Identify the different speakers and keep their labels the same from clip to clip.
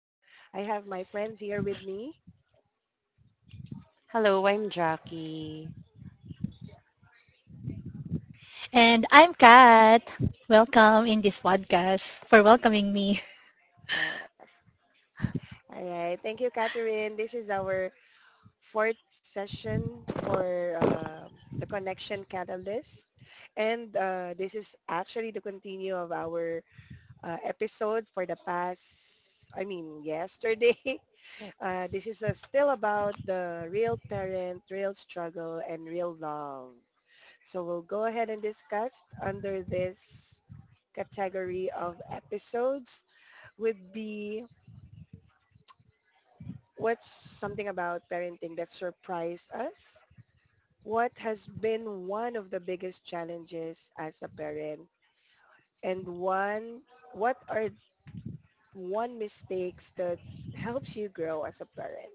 Speaker 1: I have my friends here with me.
Speaker 2: Hello, I'm Jackie.
Speaker 3: And I'm Kat. Welcome in this podcast for welcoming me.
Speaker 1: Uh, all right. Thank you, Catherine. This is our fourth session for the Connection Catalyst. And this is actually the continue of our episode for the past, I mean, yesterday. This is still about the real parent, real struggle, and real love. So we'll go ahead and discuss under this category of episodes would be, what's something about parenting that surprised us? What has been one of the biggest challenges as a parent? And one, what are one mistakes that helps you grow as a parent?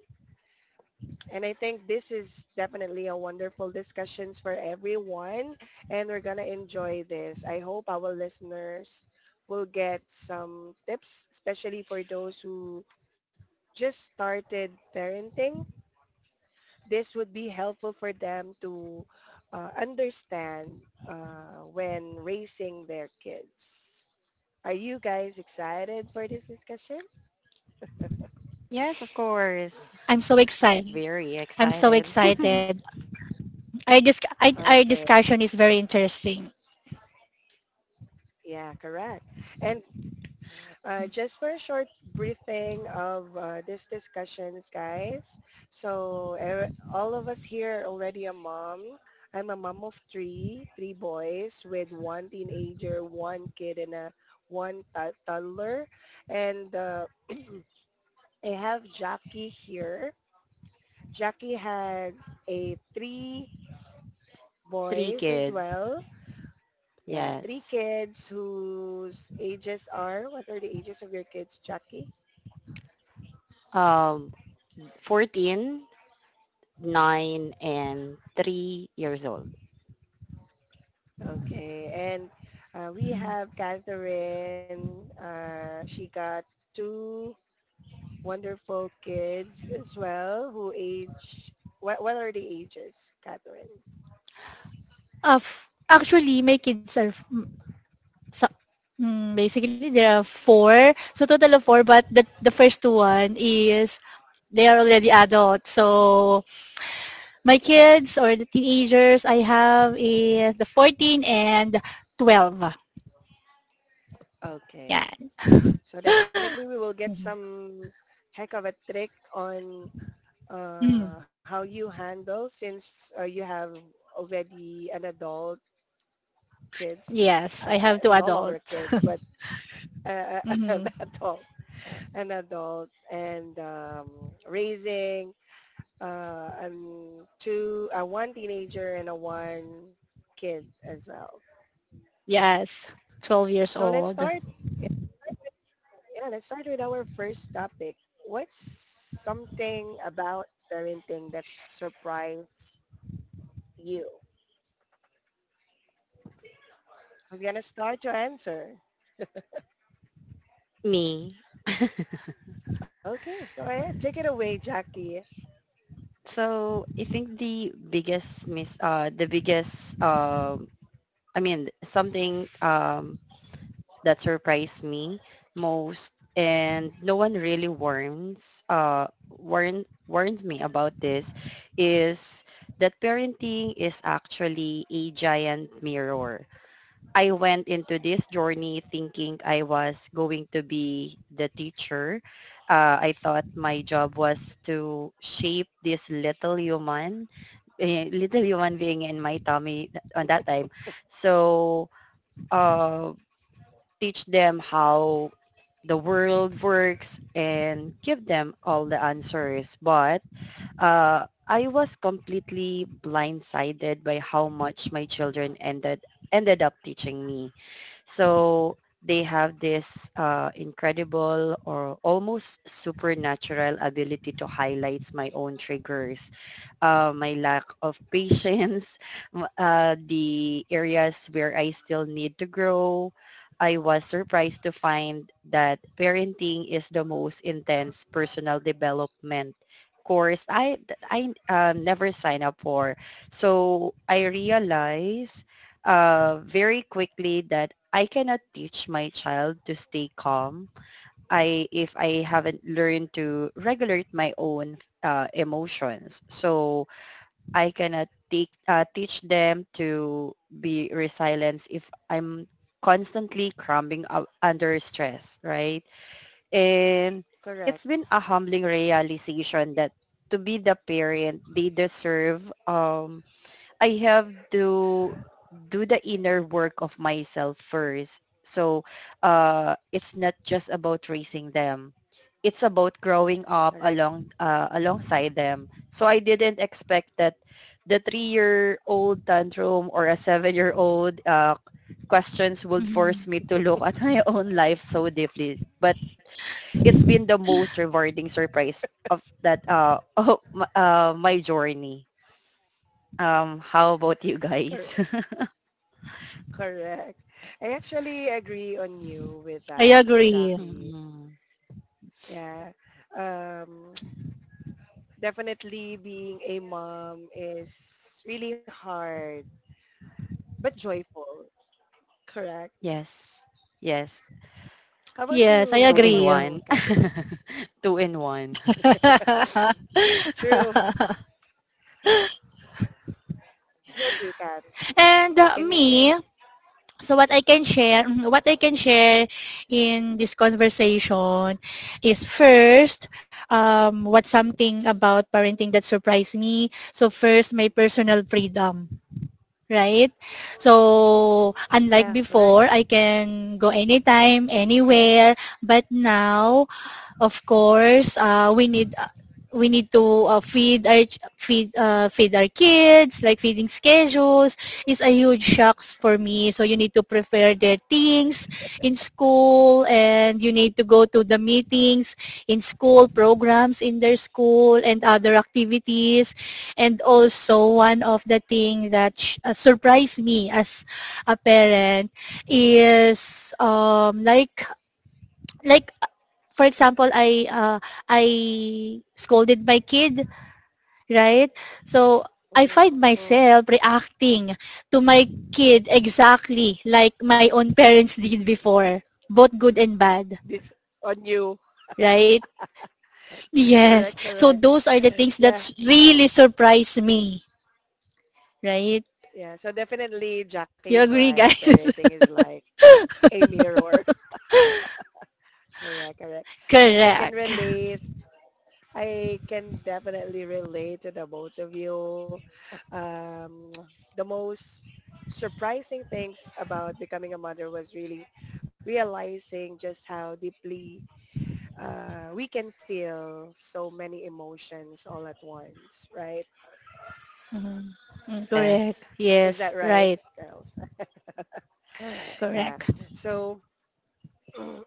Speaker 1: And I think this is definitely a wonderful discussions for everyone and we're going to enjoy this. I hope our listeners will get some tips, especially for those who just started parenting. This would be helpful for them to understand when raising their kids. Are you guys excited for this discussion?
Speaker 2: Yes, of course.
Speaker 3: I'm so excited.
Speaker 2: Very
Speaker 3: I'm so
Speaker 2: excited.
Speaker 3: excited. Our
Speaker 1: Okay.
Speaker 3: discussion is very interesting.
Speaker 1: Yeah, correct. And just for a short briefing of these discussions, guys. So all of us here are already a mom. I'm a mom of three, three boys with one teenager, one kid, and a toddler. And I have Jackie here. Jackie had a three
Speaker 2: Three
Speaker 1: boys
Speaker 2: kids.
Speaker 1: as well. Yeah, three
Speaker 2: Yes.
Speaker 1: kids whose ages are, what are the ages of your kids, Jackie?
Speaker 2: Um, 14, nine, and 3 years old.
Speaker 1: Okay, and we
Speaker 3: Mhm.
Speaker 1: have Catherine. She got two wonderful kids as well who age, what are the ages, Catherine?
Speaker 3: Of actually, my kids are so- basically there are four, so total of four. But the first two one is they are already adults. So my kids or the teenagers I have is the 14 and 12. Yeah.
Speaker 1: Okay, so definitely we will get some heck of a trick on
Speaker 3: Mhm.
Speaker 1: how you handle since you have already an adult kids,
Speaker 3: Yes, I have two
Speaker 1: no longer
Speaker 3: adult.
Speaker 1: kids, but uh, an
Speaker 3: Hmm
Speaker 1: adult an adult and raising two, one teenager and a one kid as well.
Speaker 3: Yes, 12
Speaker 1: So
Speaker 3: years
Speaker 1: let's start.
Speaker 3: old.
Speaker 1: Yeah, let's start with our first topic. What's something about parenting that surprised you? Who's gonna start to answer?
Speaker 2: Me.
Speaker 1: Okay, go ahead. Take it away, Jackie.
Speaker 2: So I think the biggest, I mean, something that surprised me most and no one really warns warned warned me about this is that parenting is actually a giant mirror. I went into this journey thinking I was going to be the teacher. I thought my job was to shape this little human, eh, little human being in my tummy, on that time. So, uh, teach them how the world works and give them all the answers. But I was completely blindsided by how much my children ended up teaching me. So they have this incredible or almost supernatural ability to highlight my own triggers, my lack of patience, the areas where I still need to grow. I was surprised to find that parenting is the most intense personal development course I never signed up for. So I realized very quickly that I cannot teach my child to stay calm. I if I haven't learned to regulate my own emotions, so I cannot teach them to be resilient if I'm constantly crumbling under stress, right? And
Speaker 1: Correct.
Speaker 2: it's been a humbling realization that to be the parent they deserve, I have to do the inner work of myself first. So it's not just about raising them. It's about growing up
Speaker 1: Correct.
Speaker 2: along uh, alongside them. So I didn't expect that the three-year-old tantrum or a seven-year-old questions would force
Speaker 3: Hmm
Speaker 2: me to look at my own life so deeply. But it's been the most rewarding surprise of that of my journey. How about you guys?
Speaker 1: Correct. Correct. I actually agree on you with
Speaker 3: I
Speaker 1: that,
Speaker 3: agree.
Speaker 1: Jackie.
Speaker 2: Mm-mm.
Speaker 1: Yeah. Um, definitely being a mom is really hard, but joyful. Correct.
Speaker 2: Yes. Yes.
Speaker 1: How about
Speaker 3: Yes, I
Speaker 1: you?
Speaker 2: 2
Speaker 1: How
Speaker 2: in
Speaker 1: about
Speaker 3: agree.
Speaker 1: you,
Speaker 2: 1.
Speaker 1: Catherine?
Speaker 2: 2 in 1.
Speaker 1: True. How about you, Kat?
Speaker 3: and
Speaker 1: What can you say?
Speaker 3: Me, so what I can share, what I can share in this conversation is first, what's something about parenting that surprised me. So first, my personal freedom, right? So, unlike
Speaker 1: Yeah, correct.
Speaker 3: before, I can go anytime,
Speaker 1: Correct.
Speaker 3: anywhere, but now of course, we need to feed our kids. Like feeding schedules is a huge shocks for me. So you need to prepare their things in school, and you need to go to the meetings in school, programs in their school, and other activities. And also one of the thing that surprised me as a parent is like, for example, I scolded my kid, right? So I find
Speaker 1: Mm, mm.
Speaker 3: myself reacting to my kid exactly like my own parents did before, both good and bad,
Speaker 1: This on you.
Speaker 3: right? Yes.
Speaker 1: Correct,
Speaker 3: So
Speaker 1: correct.
Speaker 3: those are the things that
Speaker 1: Yeah,
Speaker 3: really surprise me, right?
Speaker 1: yeah. So definitely Jackie is
Speaker 3: You agree,
Speaker 1: right.
Speaker 3: guys?
Speaker 1: Parenting is like a mirror. Correct, correct. I can
Speaker 3: correct.
Speaker 1: relate I can definitely relate to the both of you. Um, the most surprising things about becoming a mother was really realizing just how deeply we can feel so many emotions all at once, right?
Speaker 3: Mhm. Mm, Correct.
Speaker 2: Yes.
Speaker 1: Is
Speaker 3: Yes.
Speaker 1: that right,
Speaker 3: Right.
Speaker 1: girls? Yeah.
Speaker 3: Correct.
Speaker 1: So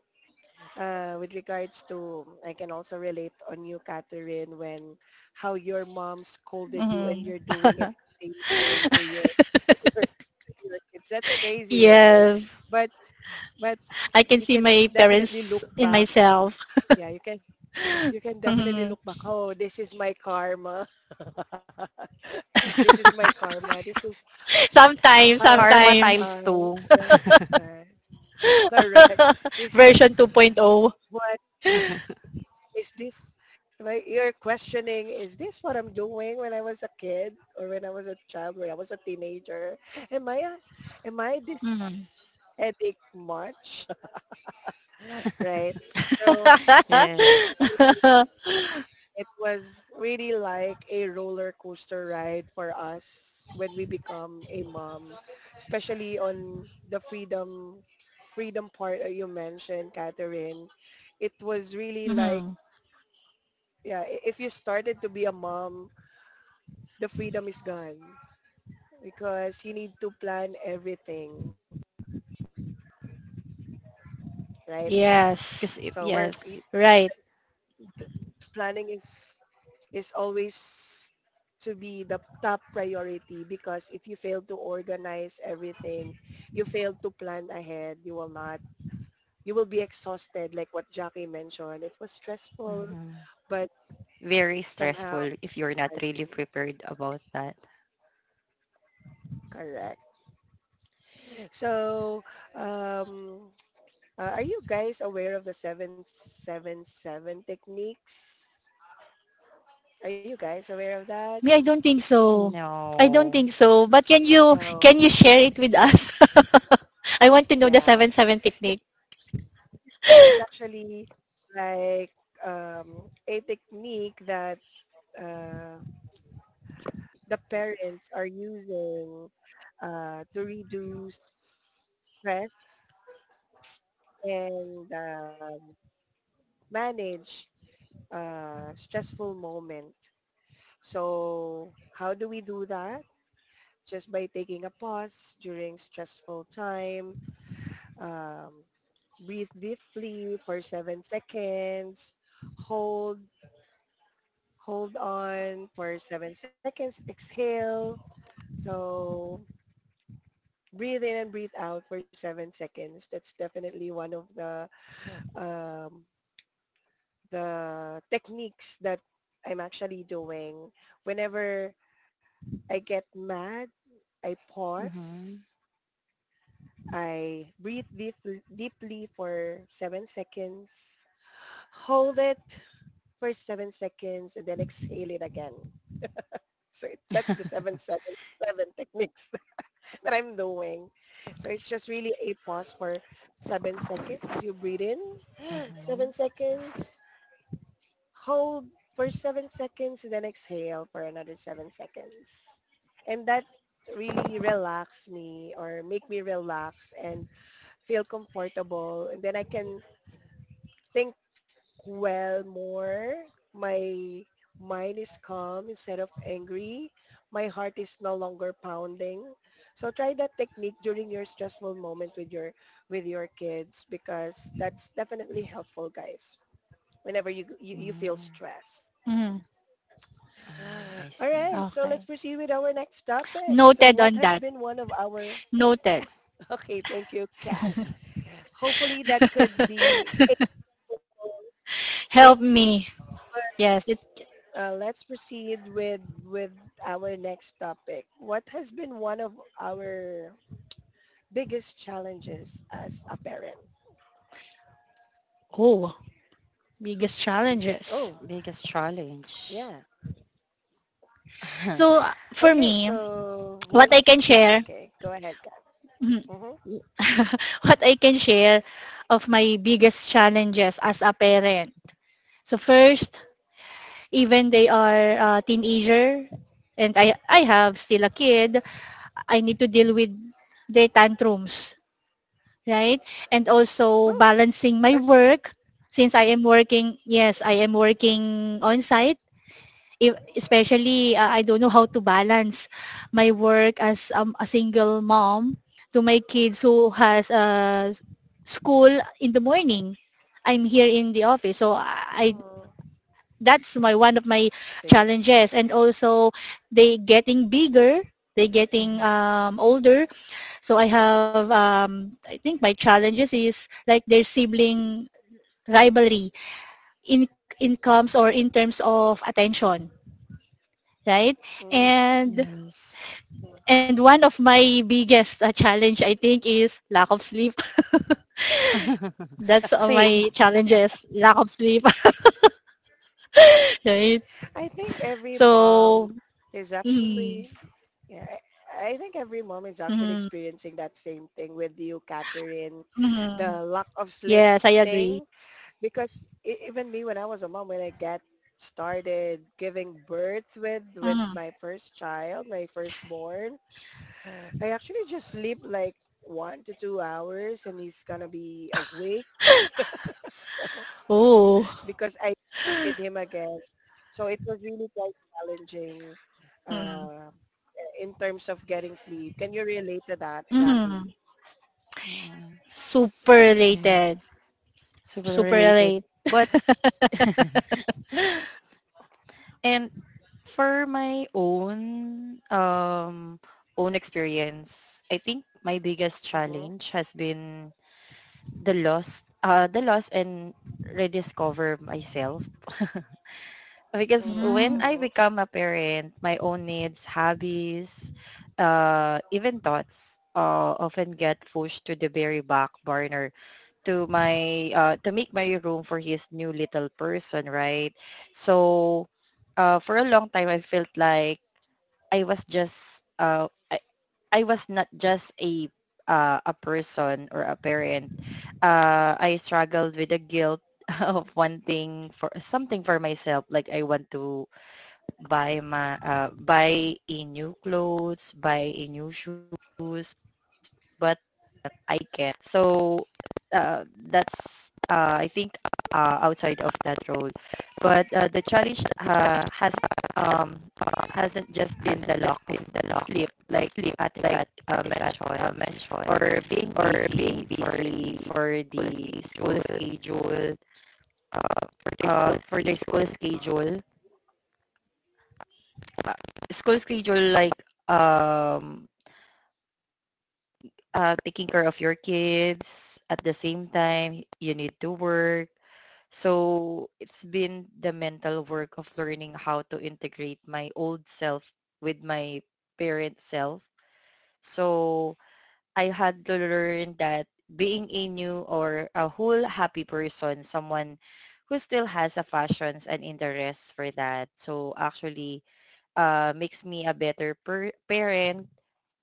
Speaker 1: with regards to, I can also relate on you, Catherine, when how your mom scolded you and
Speaker 3: Mhm.
Speaker 1: you're doing it the same thing to your kids. That's crazy, right?
Speaker 3: Yes.
Speaker 1: But but
Speaker 3: I can
Speaker 1: you
Speaker 3: see
Speaker 1: can
Speaker 3: my
Speaker 1: definitely
Speaker 3: parents
Speaker 1: look
Speaker 3: in
Speaker 1: back.
Speaker 3: myself.
Speaker 1: Yeah, you can definitely
Speaker 3: Mhm.
Speaker 1: look back. Oh, this is my karma. This is my karma. This is
Speaker 3: Sometimes,
Speaker 1: how
Speaker 2: Karma
Speaker 1: am
Speaker 3: sometimes,
Speaker 2: times
Speaker 1: I,
Speaker 2: 2.
Speaker 1: right? Uh, correct. This is
Speaker 3: version 2.0.
Speaker 1: what is this why you're questioning, is this what I'm doing when I was a kid, or when I was a child, when I was a teenager, am i a, am I this
Speaker 3: Mhm.
Speaker 1: headache much? Right, so
Speaker 2: Yes.
Speaker 1: definitely it was really like a roller coaster ride for us when we become a mom, especially on the freedom part that you mentioned, Catherine. It was really like,
Speaker 3: Mhm.
Speaker 1: yeah, if you started to be a mom, the freedom is gone because you need to plan everything, right? So
Speaker 2: Because
Speaker 3: Yes.
Speaker 2: I,
Speaker 1: we're
Speaker 2: yes.
Speaker 3: Right.
Speaker 1: Planning is always to be the top priority because if you fail to organize everything, you fail to plan ahead, you will not, you will be exhausted like what Jackie mentioned. It was stressful,
Speaker 2: Mhm.
Speaker 1: but
Speaker 2: Very
Speaker 1: somehow
Speaker 2: stressful if you're not
Speaker 1: I,
Speaker 2: really prepared about that.
Speaker 1: correct. So um, are you guys aware of the 777 techniques? Are you guys aware of that?
Speaker 3: Me, I don't think so. I don't
Speaker 2: No.
Speaker 3: think so. But can you can
Speaker 1: No.
Speaker 3: you share it with us? I want to know the
Speaker 1: Yeah.
Speaker 3: 7-7 technique.
Speaker 1: This is actually like a technique that uh, the parents are using to reduce stress and manage stressful moment. So how do we do that? Just by taking a pause during stressful time. Um, Breathe deeply for 7 seconds. Hold, hold on for 7 seconds. Exhale. So breathe in and breathe out for 7 seconds. That's definitely one of um, the techniques that I'm actually doing. Whenever I get mad, I pause
Speaker 2: Mhm.
Speaker 1: I breathe deeply for 7 seconds. Hold it for 7 seconds and then exhale it again. So it, that's the seven techniques that I'm doing. So it's just really a pause for 7 seconds. You breathe in,
Speaker 2: Mhm.
Speaker 1: 7 seconds, hold for 7 seconds, and then exhale for another 7 seconds. And that really relax me or make me relax and feel comfortable and then I can think well more. My mind is calm instead of angry. My heart is no longer pounding. So try that technique during your stressful moment with your kids because that's definitely helpful, guys, whenever you feel
Speaker 2: Mm.
Speaker 1: stress.
Speaker 3: Mhm.
Speaker 2: Mm, I
Speaker 1: All
Speaker 2: see.
Speaker 1: right, so let's
Speaker 3: Okay.
Speaker 1: proceed with our next topic. So
Speaker 3: Noted
Speaker 1: what
Speaker 3: on
Speaker 1: has
Speaker 3: that.
Speaker 1: been one of our
Speaker 3: Noted.
Speaker 1: okay, thank you, Kat. Hopefully that could be tips
Speaker 3: Help me.
Speaker 1: for
Speaker 3: Yes. It,
Speaker 1: let's proceed with our next topic. What has been one of our biggest challenges as a parent?
Speaker 3: oh,
Speaker 1: Who,
Speaker 3: biggest challenges.
Speaker 1: oh,
Speaker 2: Biggest challenge.
Speaker 1: yeah.
Speaker 3: For
Speaker 1: Okay,
Speaker 3: me,
Speaker 1: so who
Speaker 3: what I
Speaker 1: wants?
Speaker 3: can share.
Speaker 1: Okay, go ahead, Kat.
Speaker 3: Mhm.
Speaker 1: Mm-hmm.
Speaker 3: What I can share of my biggest challenges as a parent. So first, even they are teenager and I have still a kid, I need to deal with their tantrums, right? And
Speaker 1: Oh,
Speaker 3: also balancing my
Speaker 1: that's.
Speaker 3: work since I am working, yes, I am working on site if, especially I don't know how to balance my work as a single mom to my kids who has school in the morning. I'm here in the office, so I,
Speaker 1: Mm,
Speaker 3: that's my one of my
Speaker 1: sige.
Speaker 3: challenges. And also, they getting bigger, they getting
Speaker 2: Mhm.
Speaker 3: older. So I have I think my challenges is like their sibling rivalry in incomes or in terms of attention, right?
Speaker 1: Mm, mm.
Speaker 3: And
Speaker 2: Yes.
Speaker 3: And one of my biggest challenge, I think, is lack of sleep. That's
Speaker 2: Same.
Speaker 3: my challenges, lack of sleep, right?
Speaker 1: I think every
Speaker 3: So,
Speaker 1: mom is
Speaker 3: mm,
Speaker 1: actually. Yeah, I think every mom is actually
Speaker 3: mm,
Speaker 1: experiencing that same thing with you, Catherine.
Speaker 3: mm,
Speaker 1: The lack of sleep
Speaker 3: yes, I agree.
Speaker 1: thing because even me when I was a mom, when I got started giving birth with
Speaker 3: Mm,
Speaker 1: my first child, my firstborn, I actually just sleep like 1 to 2 hours and he's gonna be awake. So
Speaker 3: oh,
Speaker 1: because I with him again, so it was really quite challenging
Speaker 3: mm,
Speaker 1: uh, in terms of getting sleep. Can you relate to that, Jackie?
Speaker 3: mm,
Speaker 2: Mm,
Speaker 3: super
Speaker 2: yes.
Speaker 3: related,
Speaker 2: Super
Speaker 3: super
Speaker 2: related.
Speaker 3: related.
Speaker 2: But And for my own experience, I think my biggest
Speaker 1: Mm-hmm,
Speaker 2: challenge has been the loss and rediscover myself. Because
Speaker 1: mm-hmm,
Speaker 2: when I
Speaker 3: Mm,
Speaker 1: mm-hmm.
Speaker 2: become a parent, my own needs, hobbies, even thoughts often get pushed to the very back burner, to make my room for his new little person, right? So for a long time, I felt like I was just uh I, I was not just a person or a parent. I struggled with the guilt of wanting for something for myself. Like I want to buy a new clothes, buy a new shoes, but I can. Not. So uh, that's, I think, outside of that role, but the challenge um, hasn't just been the lock in the lock, sleep, like sleep at Kat, mentioned, or being busy for the school schedule for the school schedule uh, school schedule, like, um taking care of your kids at the same time you need to work. So it's been the mental work of learning how to integrate my old self with my parent self. So I had to learn that being a new or a whole happy person, someone who still has a fashions and interests for that, so actually makes me a better parent,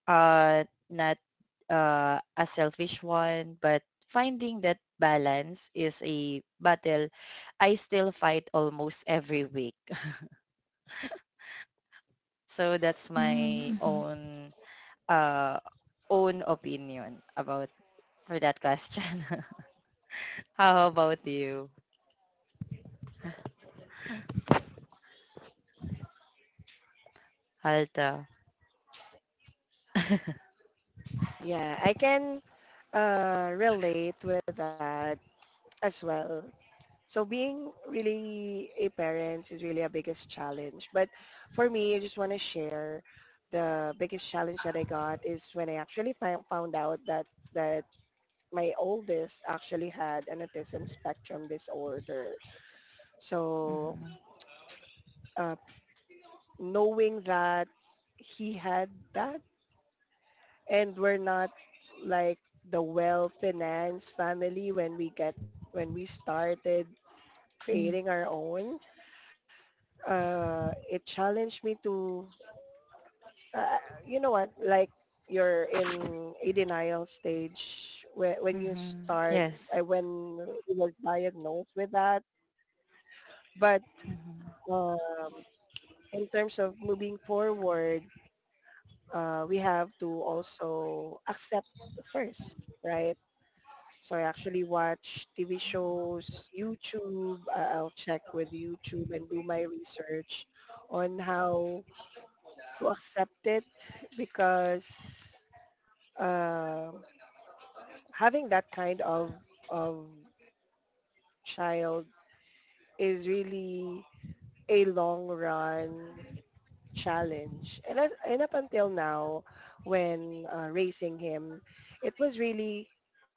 Speaker 2: uh not a selfish one, but finding that balance is a battle I still fight almost every week. So that's
Speaker 3: mm,
Speaker 2: my
Speaker 3: mhm.
Speaker 2: uh own opinion about for that question. How about you, Halta?
Speaker 1: Yeah, I can relate with that as well. So being really a parent is really a biggest challenge. But for me, I just want to share the biggest challenge that I got is when I actually found out that my oldest actually had an autism spectrum disorder. So
Speaker 2: Mm-hmm.
Speaker 1: uh, knowing that he had that and we're not like the well-financed family when we get when we started
Speaker 3: mm,
Speaker 1: creating our own, it challenged me to, uh, you know what, like you're in a denial stage when you
Speaker 2: Mm-hmm.
Speaker 1: start,
Speaker 2: Yes.
Speaker 1: when it was diagnosed with that. But
Speaker 2: Mm-hmm.
Speaker 1: um, in terms of moving forward, we have to also accept first, right? So I actually watch TV shows, YouTube. I'll check with YouTube and do my research on how to accept it because uh, having that kind of of child is really a long run challenge. And and up until now, when raising him, it was really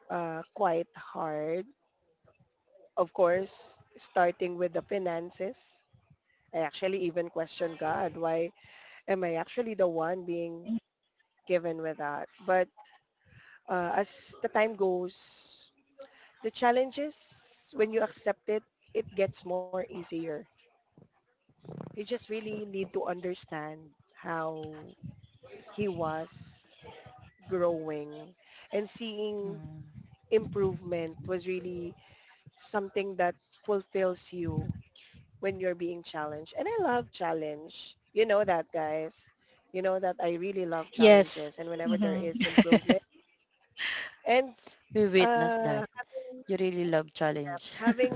Speaker 1: quite hard. Of course, starting with the finances, I actually even questioned God, why am I actually the one being given with that? But as the time goes, the challenges, when you accept it, it gets more easier. You just really need to understand how he was growing, and seeing
Speaker 2: Mm-hmm.
Speaker 1: improvement was really something that fulfills you when you're being challenged. And I love challenge. You know that, guys. You know that I really love
Speaker 3: yes.
Speaker 1: challenges and whenever there
Speaker 3: Mm-hmm.
Speaker 1: is improvement. And
Speaker 2: We witnessed
Speaker 1: uh,
Speaker 2: that
Speaker 1: having
Speaker 2: you really love challenge.
Speaker 1: having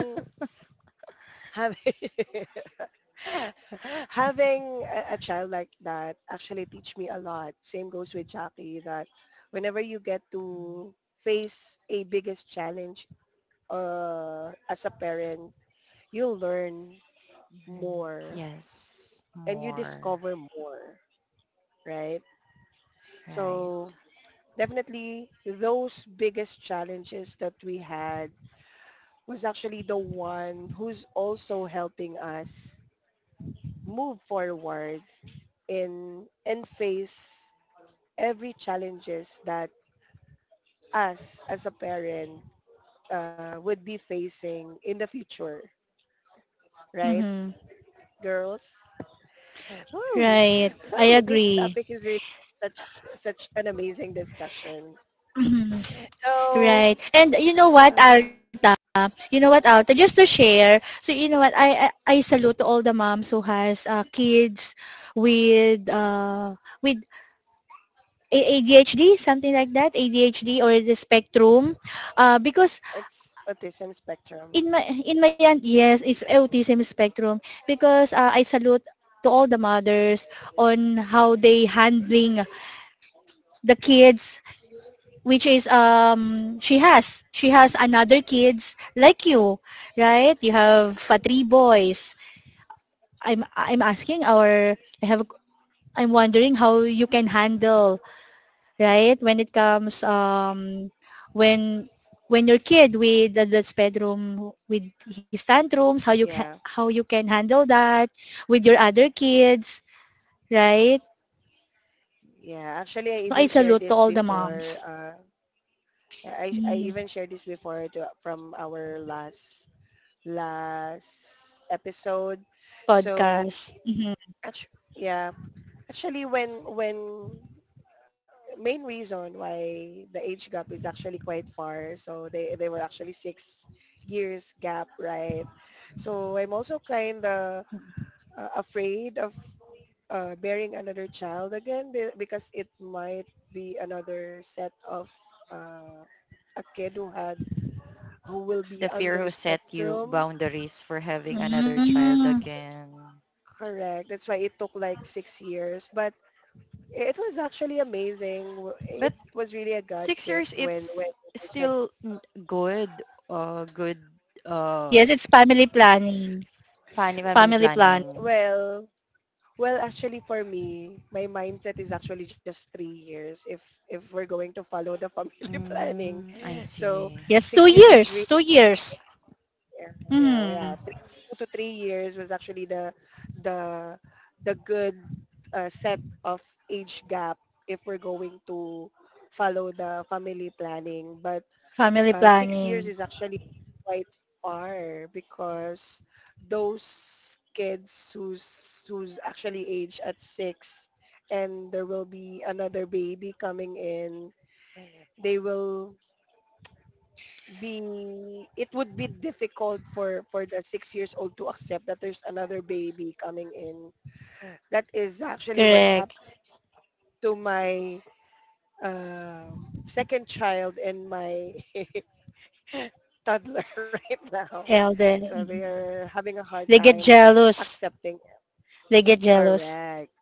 Speaker 1: having having a child like that actually teach me a lot. Same goes with Jackie that whenever you get to face a biggest challenge as a parent, you learn
Speaker 2: Mhm.
Speaker 1: more
Speaker 2: Yes,
Speaker 1: and you
Speaker 2: more.
Speaker 1: discover more, right? So
Speaker 2: Right.
Speaker 1: definitely those biggest challenges that we had was actually the one who's also helping us move forward in and face every challenges that us as a parent would be facing in the future, right,
Speaker 3: Mm-hmm.
Speaker 1: girls? Ooh,
Speaker 3: Right.
Speaker 1: ooh,
Speaker 3: I
Speaker 1: this topic
Speaker 3: agree.
Speaker 1: is really such an amazing discussion.
Speaker 3: Mhm. Right.
Speaker 1: So
Speaker 3: And you know what,
Speaker 1: uh,
Speaker 3: Alta? You know what, Alta? Just to share, so you know what, I salute to all the moms who has kids with ADHD, something like that, ADHD or the spectrum, because
Speaker 1: it's autism spectrum.
Speaker 3: in my aunt, yes, it's autism spectrum. Because I salute to all the mothers on how they handling the kids, which is she has another kids like you, right? You have three boys. I'm asking our, I have, I'm wondering how you can handle, right? When it comes when when your kid with the bedroom with his tantrums,
Speaker 1: Yeah,
Speaker 3: how you can handle that with your other kids, right?
Speaker 1: yeah. Actually, I
Speaker 3: So I
Speaker 1: even
Speaker 3: salute
Speaker 1: shared
Speaker 3: to all
Speaker 1: this
Speaker 3: the moms.
Speaker 2: Yes.
Speaker 1: before. I
Speaker 3: Mm,
Speaker 1: even shared this before to, from our last episode. So
Speaker 3: podcast. Mhm.
Speaker 1: yeah, actually when main reason why the age gap is actually quite far. So they were actually 6 years gap, right? So I'm also kind of afraid of bearing another child again because it might be another set of uh, a kid who had who will be
Speaker 2: The fear
Speaker 1: under
Speaker 2: who set you
Speaker 1: spectrum.
Speaker 2: boundaries for having another child
Speaker 3: Mm.
Speaker 2: again.
Speaker 1: Correct. That's why it took like 6 years, but it was actually amazing.
Speaker 2: But
Speaker 1: It was really a God
Speaker 2: 6 years,
Speaker 1: gift when
Speaker 2: it's
Speaker 1: it's like,
Speaker 2: still good, uh,
Speaker 3: Yes, it's family planning.
Speaker 2: family
Speaker 3: Family planning.
Speaker 2: planning.
Speaker 1: well, well actually for me, my mindset is actually just 3 years if we're going to follow the family planning.
Speaker 2: Mm, I
Speaker 1: So
Speaker 2: see.
Speaker 3: Yes,
Speaker 1: six
Speaker 3: two
Speaker 1: years is really
Speaker 3: years. 2 years.
Speaker 1: yeah, yeah, well,
Speaker 3: Mm.
Speaker 1: yeah. Three, 2 to 3 years was actually the the good set of age gap if we're going to follow the family planning. But
Speaker 3: Family
Speaker 1: 6 years
Speaker 3: planning.
Speaker 1: is actually quite far because those kids who's actually aged at six, and there will be another baby coming in, they will be it would be difficult for the 6 years old to accept that there's another baby coming in. That is actually what's
Speaker 3: Correct.
Speaker 1: happened to my second child and my toddler right now,
Speaker 3: Elder.
Speaker 1: so they
Speaker 3: Mhm.
Speaker 1: are having a hard
Speaker 3: They get
Speaker 1: time
Speaker 3: jealous.
Speaker 1: accepting it.
Speaker 3: They get jealous.
Speaker 1: Correct,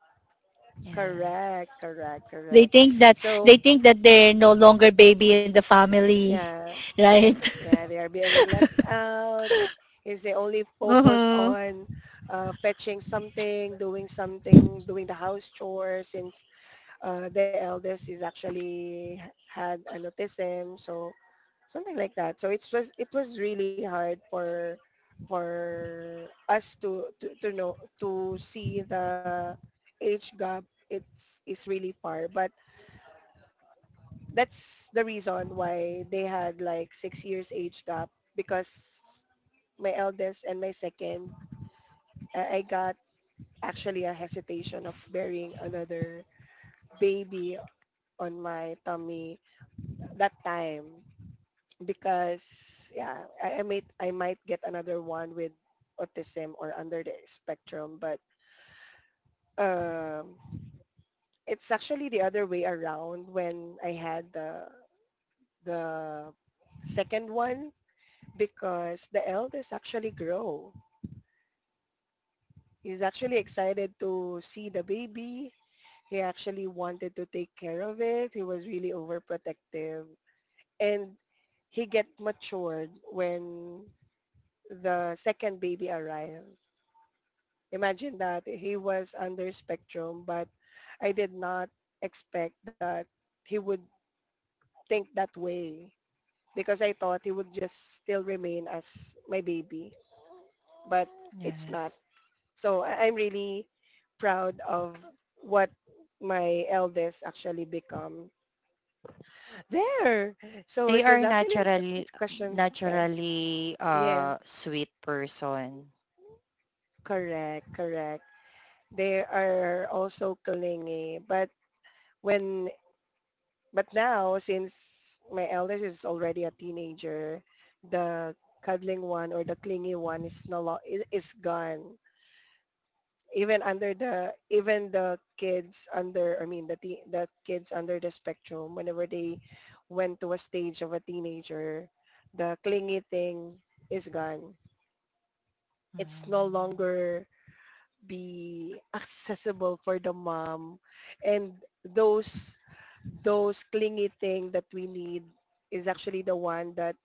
Speaker 2: Yes.
Speaker 1: correct correct
Speaker 3: They
Speaker 1: correct
Speaker 3: think that
Speaker 1: So
Speaker 3: they think that they're no longer baby in the family,
Speaker 1: yeah,
Speaker 3: right?
Speaker 1: yeah, they are being left out. If they only focus
Speaker 3: Mm-hmm.
Speaker 1: on fetching something, doing the house chores, since the eldest is actually had an autism, so something like that. So it was really hard for for us to know to see the age gap. It's really far, but that's the reason why they had like 6 years age gap, because my eldest and my second, I got actually a hesitation of bearing another baby on my tummy that time. Because yeah, I might get another one with autism or under the spectrum, but um, it's actually the other way around. When I had the second one, because the eldest actually grow. He's actually excited to see the baby. He actually wanted to take care of it. He was really overprotective. And he get matured when the second baby arrived. Imagine that he was under spectrum, but I did not expect that he would think that way, because I thought he would just still remain as my baby, but it's not.
Speaker 2: Yes.
Speaker 1: So I'm really proud of what my eldest actually become there. So
Speaker 2: They
Speaker 1: it
Speaker 2: are
Speaker 1: was actually
Speaker 2: naturally,
Speaker 1: discussions, guys.
Speaker 2: naturally,
Speaker 1: Yeah,
Speaker 2: uh, sweet person.
Speaker 1: correct, correct. They are also clingy, but when but now since my eldest is already a teenager, the cuddling one or the clingy one is no lo- I- is gone. Even under the even the kids under I mean the kids under the spectrum, whenever they went to a stage of a teenager, the clingy thing is gone. It's no
Speaker 2: Mm,
Speaker 1: longer be accessible for the mom, and those those clingy thing that we need is actually the one that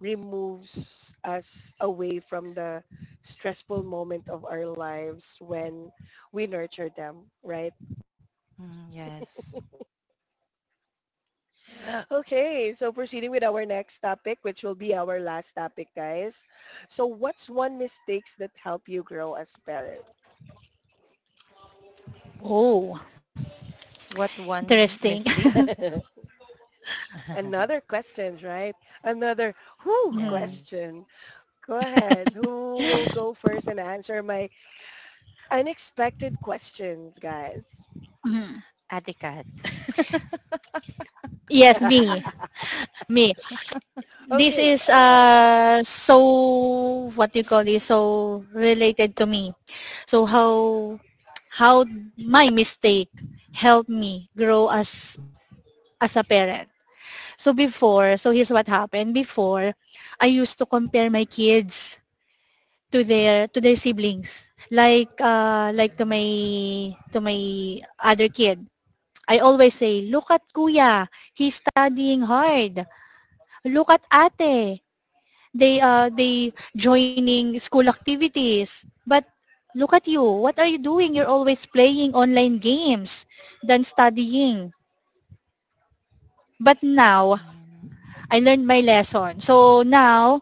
Speaker 1: removes us away from the stressful moment of our lives when we nurture them, right?
Speaker 2: mm, yes.
Speaker 1: Okay, so proceeding with our next topic, which will be our last topic, guys. So what's one mistakes that help you grow as parent?
Speaker 3: Oh,
Speaker 2: What one
Speaker 3: interesting.
Speaker 2: mistake?
Speaker 1: Another questions, right? Another who
Speaker 3: Mhm,
Speaker 2: Yes.
Speaker 1: question. Go ahead. Who will go first and answer my unexpected questions, guys?
Speaker 3: mhm.
Speaker 2: Etiquette.
Speaker 3: Yes, me, me. This
Speaker 1: Okay,
Speaker 3: is,
Speaker 1: go ahead.
Speaker 3: uh, so what do you call this? So related to me. So how my mistake helped me grow as a parent. So before, so here's what happened. Before, I used to compare my kids to their, to their siblings. Like to my,
Speaker 2: Mhm,
Speaker 3: to my other kid. I always say, look at kuya, he's studying hard. Look at ate, they joining school activities, but look at you, what are you doing? You're always playing online games than studying. But now
Speaker 2: mhm,
Speaker 3: I learned my lesson, so now,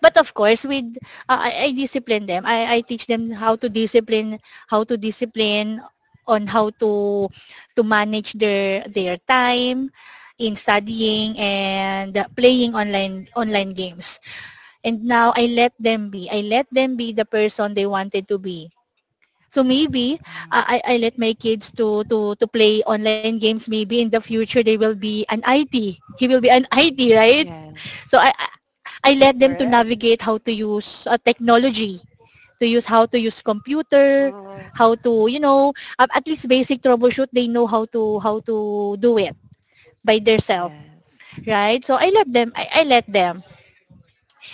Speaker 3: but of course with, I discipline them. I teach them how to discipline, how to discipline, on how to manage their time in studying and playing online online games. And now I let them be. I let them be the person they wanted to be. So maybe
Speaker 2: mhm.
Speaker 3: I let my kids to play online games. Maybe in the future they will be an IT. He will be an IT, right?
Speaker 2: Yes.
Speaker 3: So I let them to
Speaker 1: Correct.
Speaker 3: navigate how to use technology, to use how to use computer,
Speaker 1: Mm,
Speaker 3: how to, you know, at least basic troubleshoot, they know how to do it by themselves,
Speaker 2: Yes.
Speaker 3: right? So I let them, I let them.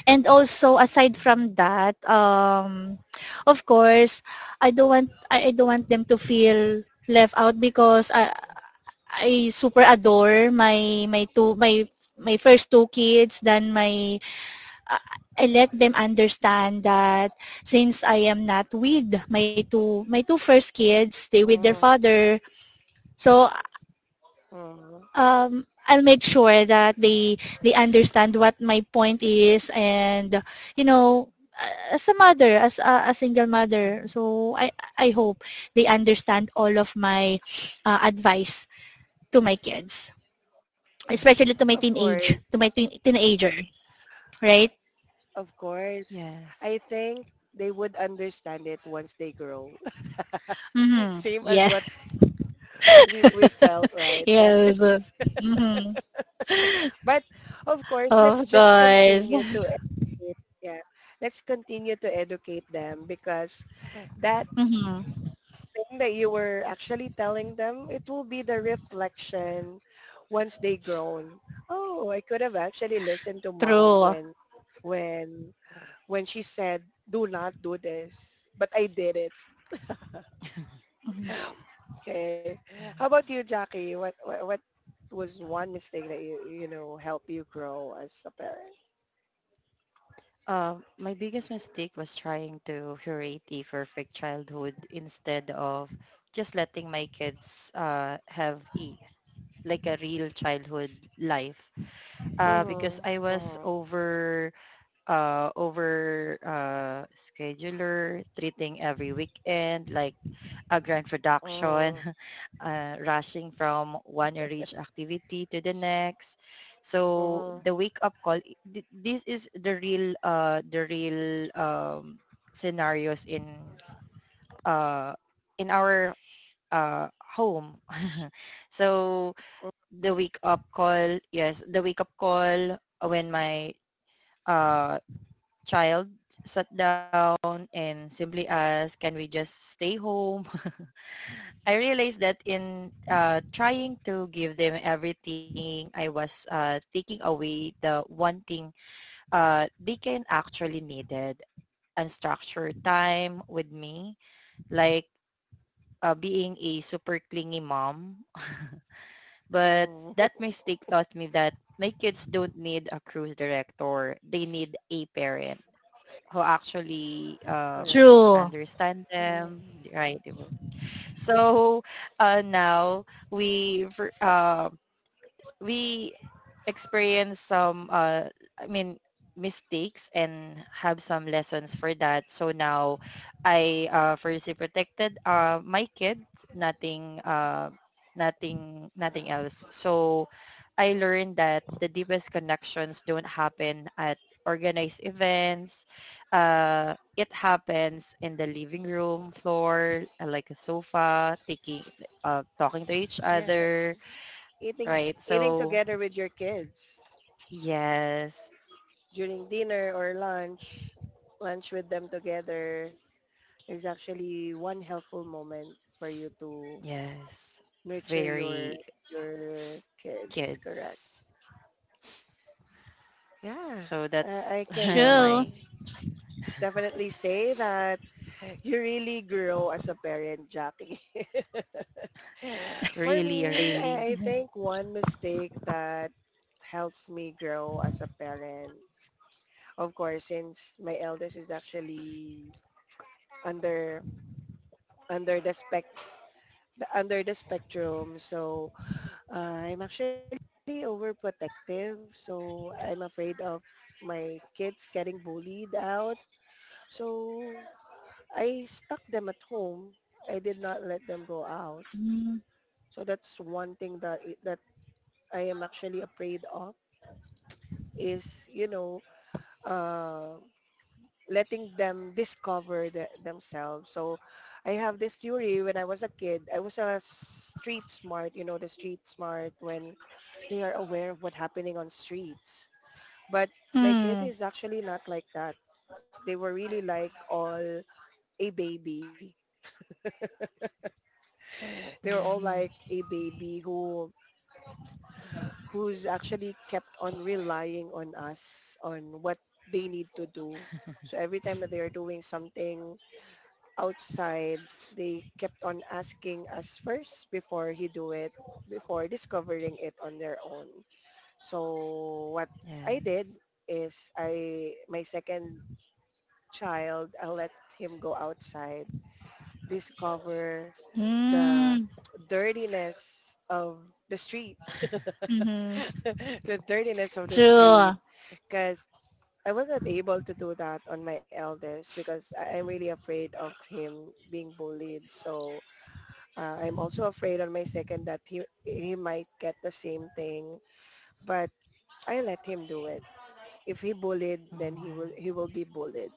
Speaker 3: And also aside from
Speaker 2: Mhm,
Speaker 3: that, of course, I don't want them to feel left out because I super adore my first two kids. Then my I I let them understand that since I am not with my two first kids, they with their
Speaker 1: mm,
Speaker 3: father. So
Speaker 1: mm.
Speaker 3: I'll make sure that they understand what my point is, and you know, as a mother, as a single mother,
Speaker 2: mhm.
Speaker 3: so I hope they understand all of my advice to my kids,
Speaker 2: I
Speaker 3: especially to my
Speaker 1: Of
Speaker 2: see.
Speaker 1: course,
Speaker 3: teenager, right?
Speaker 1: of course.
Speaker 2: Yes.
Speaker 1: I think they would understand it once they grow.
Speaker 3: Mm-hmm.
Speaker 1: Same as
Speaker 3: Yeah.
Speaker 1: what we felt, right,
Speaker 3: Yes.
Speaker 1: guys?
Speaker 3: Mm-hmm.
Speaker 1: But of course, let's
Speaker 3: Of
Speaker 1: just continue
Speaker 3: course.
Speaker 1: to educate. Yeah, let's continue to educate them, because that
Speaker 3: Mm-hmm.
Speaker 1: thing that you were actually telling them, it will be the reflection once they grown. Oh, I could have actually listened to mom
Speaker 3: True.
Speaker 1: when when when she said, "Do not do this," but I did it.
Speaker 3: Mhm.
Speaker 1: Okay. How about
Speaker 2: Yes.
Speaker 1: you, Jackie? What was one mistake that you know help you grow as a parent.
Speaker 2: My biggest mistake was trying to curate a perfect childhood instead of just letting my kids, have a, like, a real childhood life,
Speaker 1: Mm,
Speaker 2: because I was
Speaker 1: mhm.
Speaker 2: over scheduler, treating every weekend like a grand production,
Speaker 1: Mm,
Speaker 2: rushing from one enriched activity to the next.
Speaker 1: mhm. Mm,
Speaker 2: So the
Speaker 1: mhm.
Speaker 2: wake up call, this is the real scenarios uh, in our home. So
Speaker 1: Mhm.
Speaker 2: the wake up call, yes, the wake up call, when my uh, child sat down and simply asked, can we just stay home? I realized that in trying to give them everything, I was taking away the one thing they can actually needed, unstructured time with me, like being a super clingy mom. But
Speaker 1: Mhm.
Speaker 2: that mistake taught me that my kids don't need a cruise director. They need a parent who actually
Speaker 1: Correct.
Speaker 3: True.
Speaker 2: understand
Speaker 1: Mhm.
Speaker 2: them, right? di So now we we experience some, I mean, mistakes and have some lessons for that, so now I firstly protected, my kid, nothing uh nothing else. So I learned that the deepest connections don't happen at organized events, it happens in the living room floor, like a sofa, taking talking to each
Speaker 1: Yeah,
Speaker 2: other,
Speaker 1: eating
Speaker 2: right?
Speaker 1: eating
Speaker 2: So
Speaker 1: together with your kids
Speaker 2: yes,
Speaker 1: during dinner or lunch, lunch with them together is actually one helpful moment for you to
Speaker 2: yes.
Speaker 1: nurture your
Speaker 2: Very
Speaker 1: your kids. Correct.
Speaker 2: kids.
Speaker 1: Yeah,
Speaker 2: So that's,
Speaker 1: I can
Speaker 3: True.
Speaker 2: my,
Speaker 1: definitely say that you really grow as a parent, Jackie. For
Speaker 2: really,
Speaker 1: me,
Speaker 2: really.
Speaker 1: I
Speaker 3: Mm-hmm.
Speaker 1: think one mistake that helps me grow as a parent, of course, since my eldest is actually under under the spec under the spectrum, so I'm actually overprotective. So I'm afraid of my kids getting bullied out. So I stuck them at home. I did not let them go out. So that's one thing that that I am actually afraid of, is you know, uh, letting them discover the, themselves. So I have this theory. When I was a kid, I was a street smart. You know the street smart, when they are aware of what's happening on streets. But my kid
Speaker 3: Mm-hmm.
Speaker 1: is actually not like that. They were really like all a baby. They were all
Speaker 2: Mhm.
Speaker 1: like a baby who who's actually kept on relying on us on what they need to do. So every time that they are doing something outside, they kept on asking us first before he do it, before discovering it on their own. So what
Speaker 2: Yes.
Speaker 1: I did is I my second child, I let him go outside, discover the
Speaker 3: Mm,
Speaker 1: dirtiness of the street
Speaker 3: mhm.
Speaker 1: the dirtiness of the street,
Speaker 3: True.
Speaker 1: because I wasn't able to do that on my eldest, because I'm really afraid of him being bullied. So I'm also afraid on my second that he might get the same thing, but I let him do it. If he bullied, then
Speaker 2: Mhm.
Speaker 1: he will be bullied.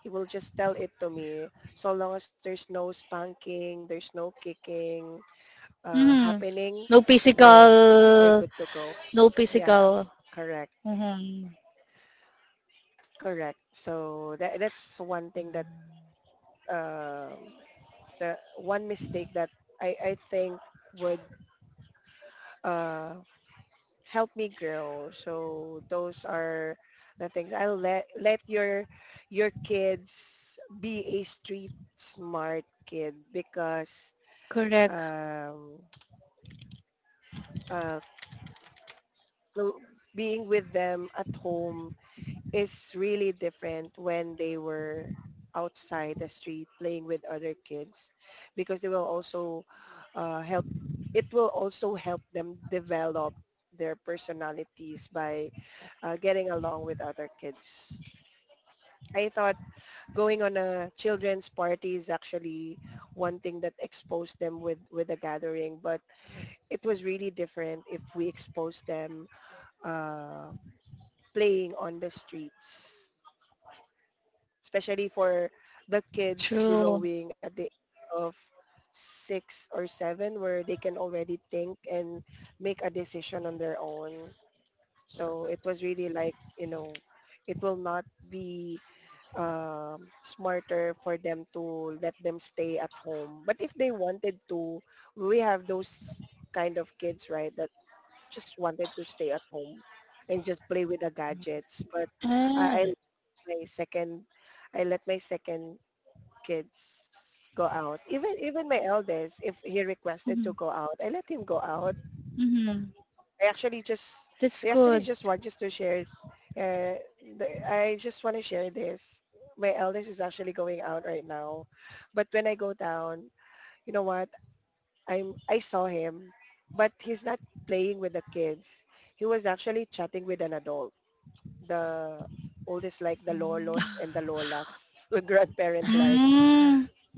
Speaker 1: He will just tell it to me. So long as there's no spanking, there's no kicking
Speaker 3: Mhm.
Speaker 1: happening,
Speaker 3: No physical,
Speaker 1: then we're good to go.
Speaker 3: no
Speaker 1: Yeah,
Speaker 3: physical.
Speaker 1: correct.
Speaker 3: Mhm.
Speaker 1: Correct. So that that's one thing that
Speaker 2: Mhm.
Speaker 1: um, the one mistake that I think would uh help me grow. So those are the things. I'll let your kids be a street smart kid, because
Speaker 3: Correct.
Speaker 1: um uh clo- being with them at home is really different when they were outside the street playing with other kids, because they will also help it will also help them develop their personalities by getting along with other kids. I thought going on a children's party is actually one thing that exposed them with a gathering, but it was really different if we exposed them uh, playing on the streets, especially for the kids
Speaker 3: True.
Speaker 1: growing at the age of six or seven, where they can already think and make a decision on their own. So it was really like, you know, it will not be smarter for them to let them stay at home. But if they wanted to, we have those kind of kids, right, that just wanted to stay at home and just play with the gadgets. But I
Speaker 3: Ah.
Speaker 1: let my second, I let my second kids go out. Even my eldest, if he requested to go
Speaker 3: Mhm.
Speaker 1: out, I let him go out.
Speaker 3: Mhm.
Speaker 1: I actually just they
Speaker 3: That's
Speaker 1: actually just
Speaker 3: good.
Speaker 1: want just to share. Uh, I just want to share this. My eldest is actually going out right now, but when I go down, you know what? I saw him, but he's not playing with the kids. He was actually chatting with an adult. The oldest like the lolos
Speaker 2: Mhm.
Speaker 1: and the lolas, the grandparent like
Speaker 3: Mm.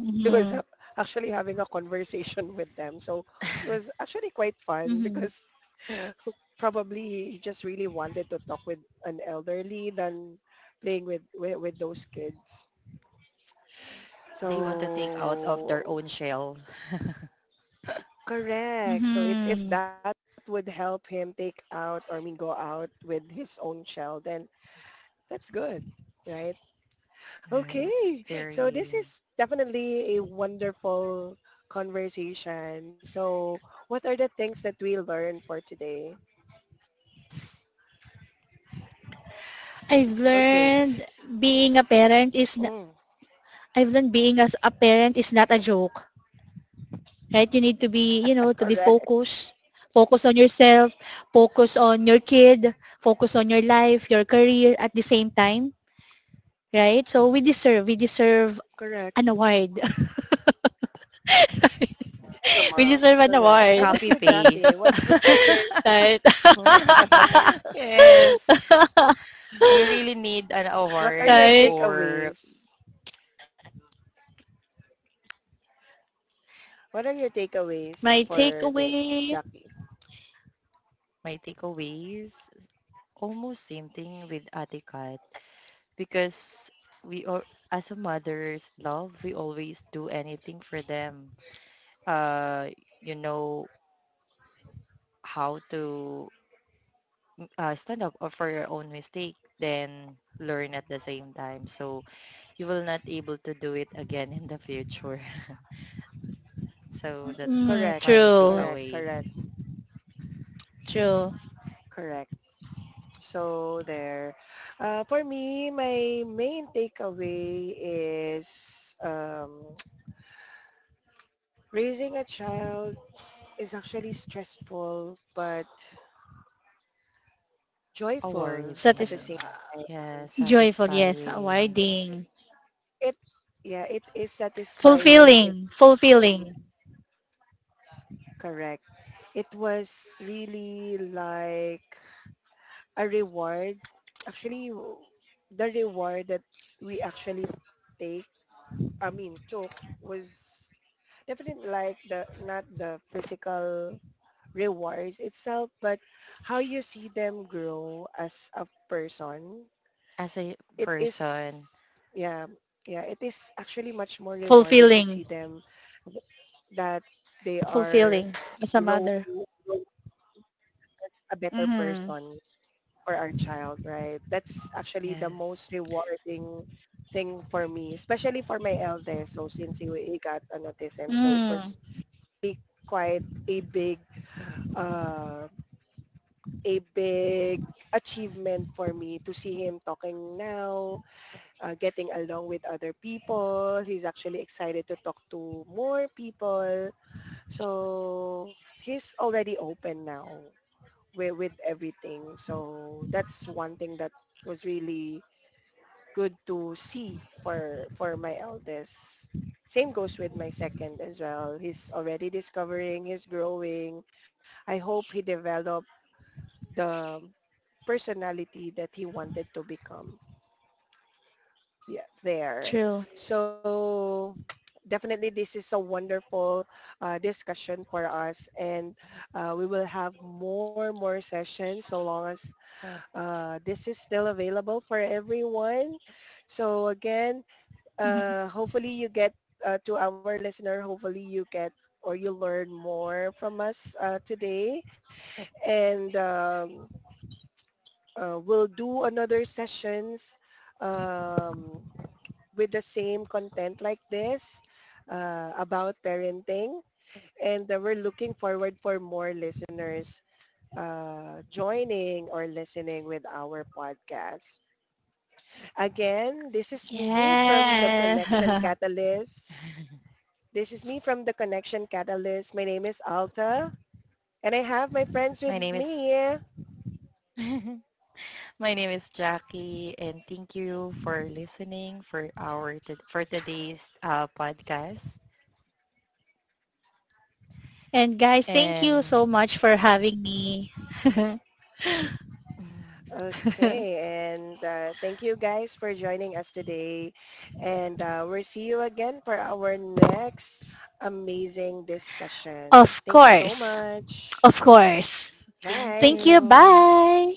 Speaker 1: he was ha-
Speaker 3: Mhm.
Speaker 1: actually having a conversation with them. So it was actually quite fun because
Speaker 3: Mhm.
Speaker 1: probably he just really wanted to talk with an elderly than playing with those kids.
Speaker 2: They want to take out of their
Speaker 1: So
Speaker 2: own shell.
Speaker 1: correct. So it, if that
Speaker 3: Mhm.
Speaker 1: would help him take out, or I mean go out with his own child, then that's good, right?
Speaker 2: Right.
Speaker 1: Okay. So this
Speaker 2: Very
Speaker 1: is definitely a wonderful conversation. So what are the things that we learned for today?
Speaker 3: I've
Speaker 1: Okay.
Speaker 3: learned
Speaker 1: S-
Speaker 3: being a parent is n-
Speaker 1: Mm,
Speaker 3: I've learned being as a parent is not a
Speaker 1: mm,
Speaker 3: joke, right? You need to be, you know, to be
Speaker 1: correct.
Speaker 3: focused. Focus on yourself, focus on your kid, focus on your life, your career at the same time, right? So we deserve
Speaker 1: Correct.
Speaker 3: an award.
Speaker 1: As a
Speaker 3: we
Speaker 1: mom.
Speaker 3: deserve an
Speaker 1: Correct. How
Speaker 3: award,
Speaker 1: about
Speaker 2: copy
Speaker 1: you, Jackie?
Speaker 2: paste.
Speaker 1: What are
Speaker 3: right?
Speaker 1: your
Speaker 2: Yes. We really need an
Speaker 1: what are your
Speaker 2: award
Speaker 3: right?
Speaker 2: for
Speaker 1: takeaways? What are your
Speaker 3: My
Speaker 1: takeaways for this,
Speaker 3: takeaway,
Speaker 1: Jackie?
Speaker 2: my takeaways. Almost same thing with Ate, because we all, as a mother's love, we always do anything for them, uh you know how to, stand up or for your own mistake, then learn at the same time, so you will not able to do it again in the future. So that's
Speaker 3: mm,
Speaker 1: Correct.
Speaker 2: my
Speaker 3: true,
Speaker 1: Correct.
Speaker 2: takeaway.
Speaker 1: Correct.
Speaker 3: true.
Speaker 1: Correct. So there. For me, my main takeaway is um, raising a child is actually stressful but joyful at
Speaker 3: Satis-
Speaker 1: the same
Speaker 2: Awarding.
Speaker 1: time.
Speaker 2: Yes,
Speaker 3: joyful, yes,
Speaker 2: satisfying.
Speaker 3: awarding.
Speaker 1: It, yeah, it is satisfying if
Speaker 3: Fulfilling, fulfilling,
Speaker 1: um, correct. It was really like a reward. Actually, w- the reward that we actually take, I mean, choke was definitely like the not the physical rewards itself, but how you see them grow as a person.
Speaker 2: As a
Speaker 1: It is,
Speaker 2: person.
Speaker 1: yeah, yeah, it is actually much more rewarding to
Speaker 3: fulfilling,
Speaker 1: see them th- that they are
Speaker 3: fulfilling as a
Speaker 1: grow,
Speaker 3: mother.
Speaker 1: grow as a better
Speaker 3: Mhm.
Speaker 1: person for our child, right? That's actually the
Speaker 2: Yes.
Speaker 1: most rewarding thing for me, especially for my eldest. So since he got an autism, so it
Speaker 3: Mm,
Speaker 1: was really quite a uh, big achievement for me to see him talking now, getting along with other people. He's actually excited to talk to more people. So he's already open now with everything. So that's one thing that was really good to see for my eldest. Same goes with my second as well. He's already discovering, he's growing. I hope he developed the personality that he wanted to become. Yeah, there.
Speaker 3: true.
Speaker 1: So definitely this is a wonderful discussion for us, and we will have more sessions, so long as this is still available for everyone. So again,
Speaker 3: Mhm.
Speaker 1: hopefully you get to our listener, hopefully you get or you learn more from us today, and we'll do another sessions um, with the same content like this about parenting, and we're looking forward for more listeners joining or listening with our podcast. Again, this is me
Speaker 2: Mm.
Speaker 1: from the
Speaker 3: Yeah.
Speaker 1: Connection Catalyst This is me from the Connection Catalyst. My name is Alta, and I have my friends with
Speaker 2: My name is.
Speaker 1: me.
Speaker 2: My name is Jackie, and thank you for listening for for today's podcast.
Speaker 3: And guys, thank you
Speaker 2: And
Speaker 3: so much for having me.
Speaker 2: mm,
Speaker 1: Okay, and thank you guys for joining us today. And we'll see you again for our next amazing discussion.
Speaker 3: Of
Speaker 1: Thank you so
Speaker 3: course.
Speaker 1: much.
Speaker 3: Of course.
Speaker 2: thank
Speaker 1: Bye.
Speaker 3: Thank you.
Speaker 2: you.
Speaker 3: Bye.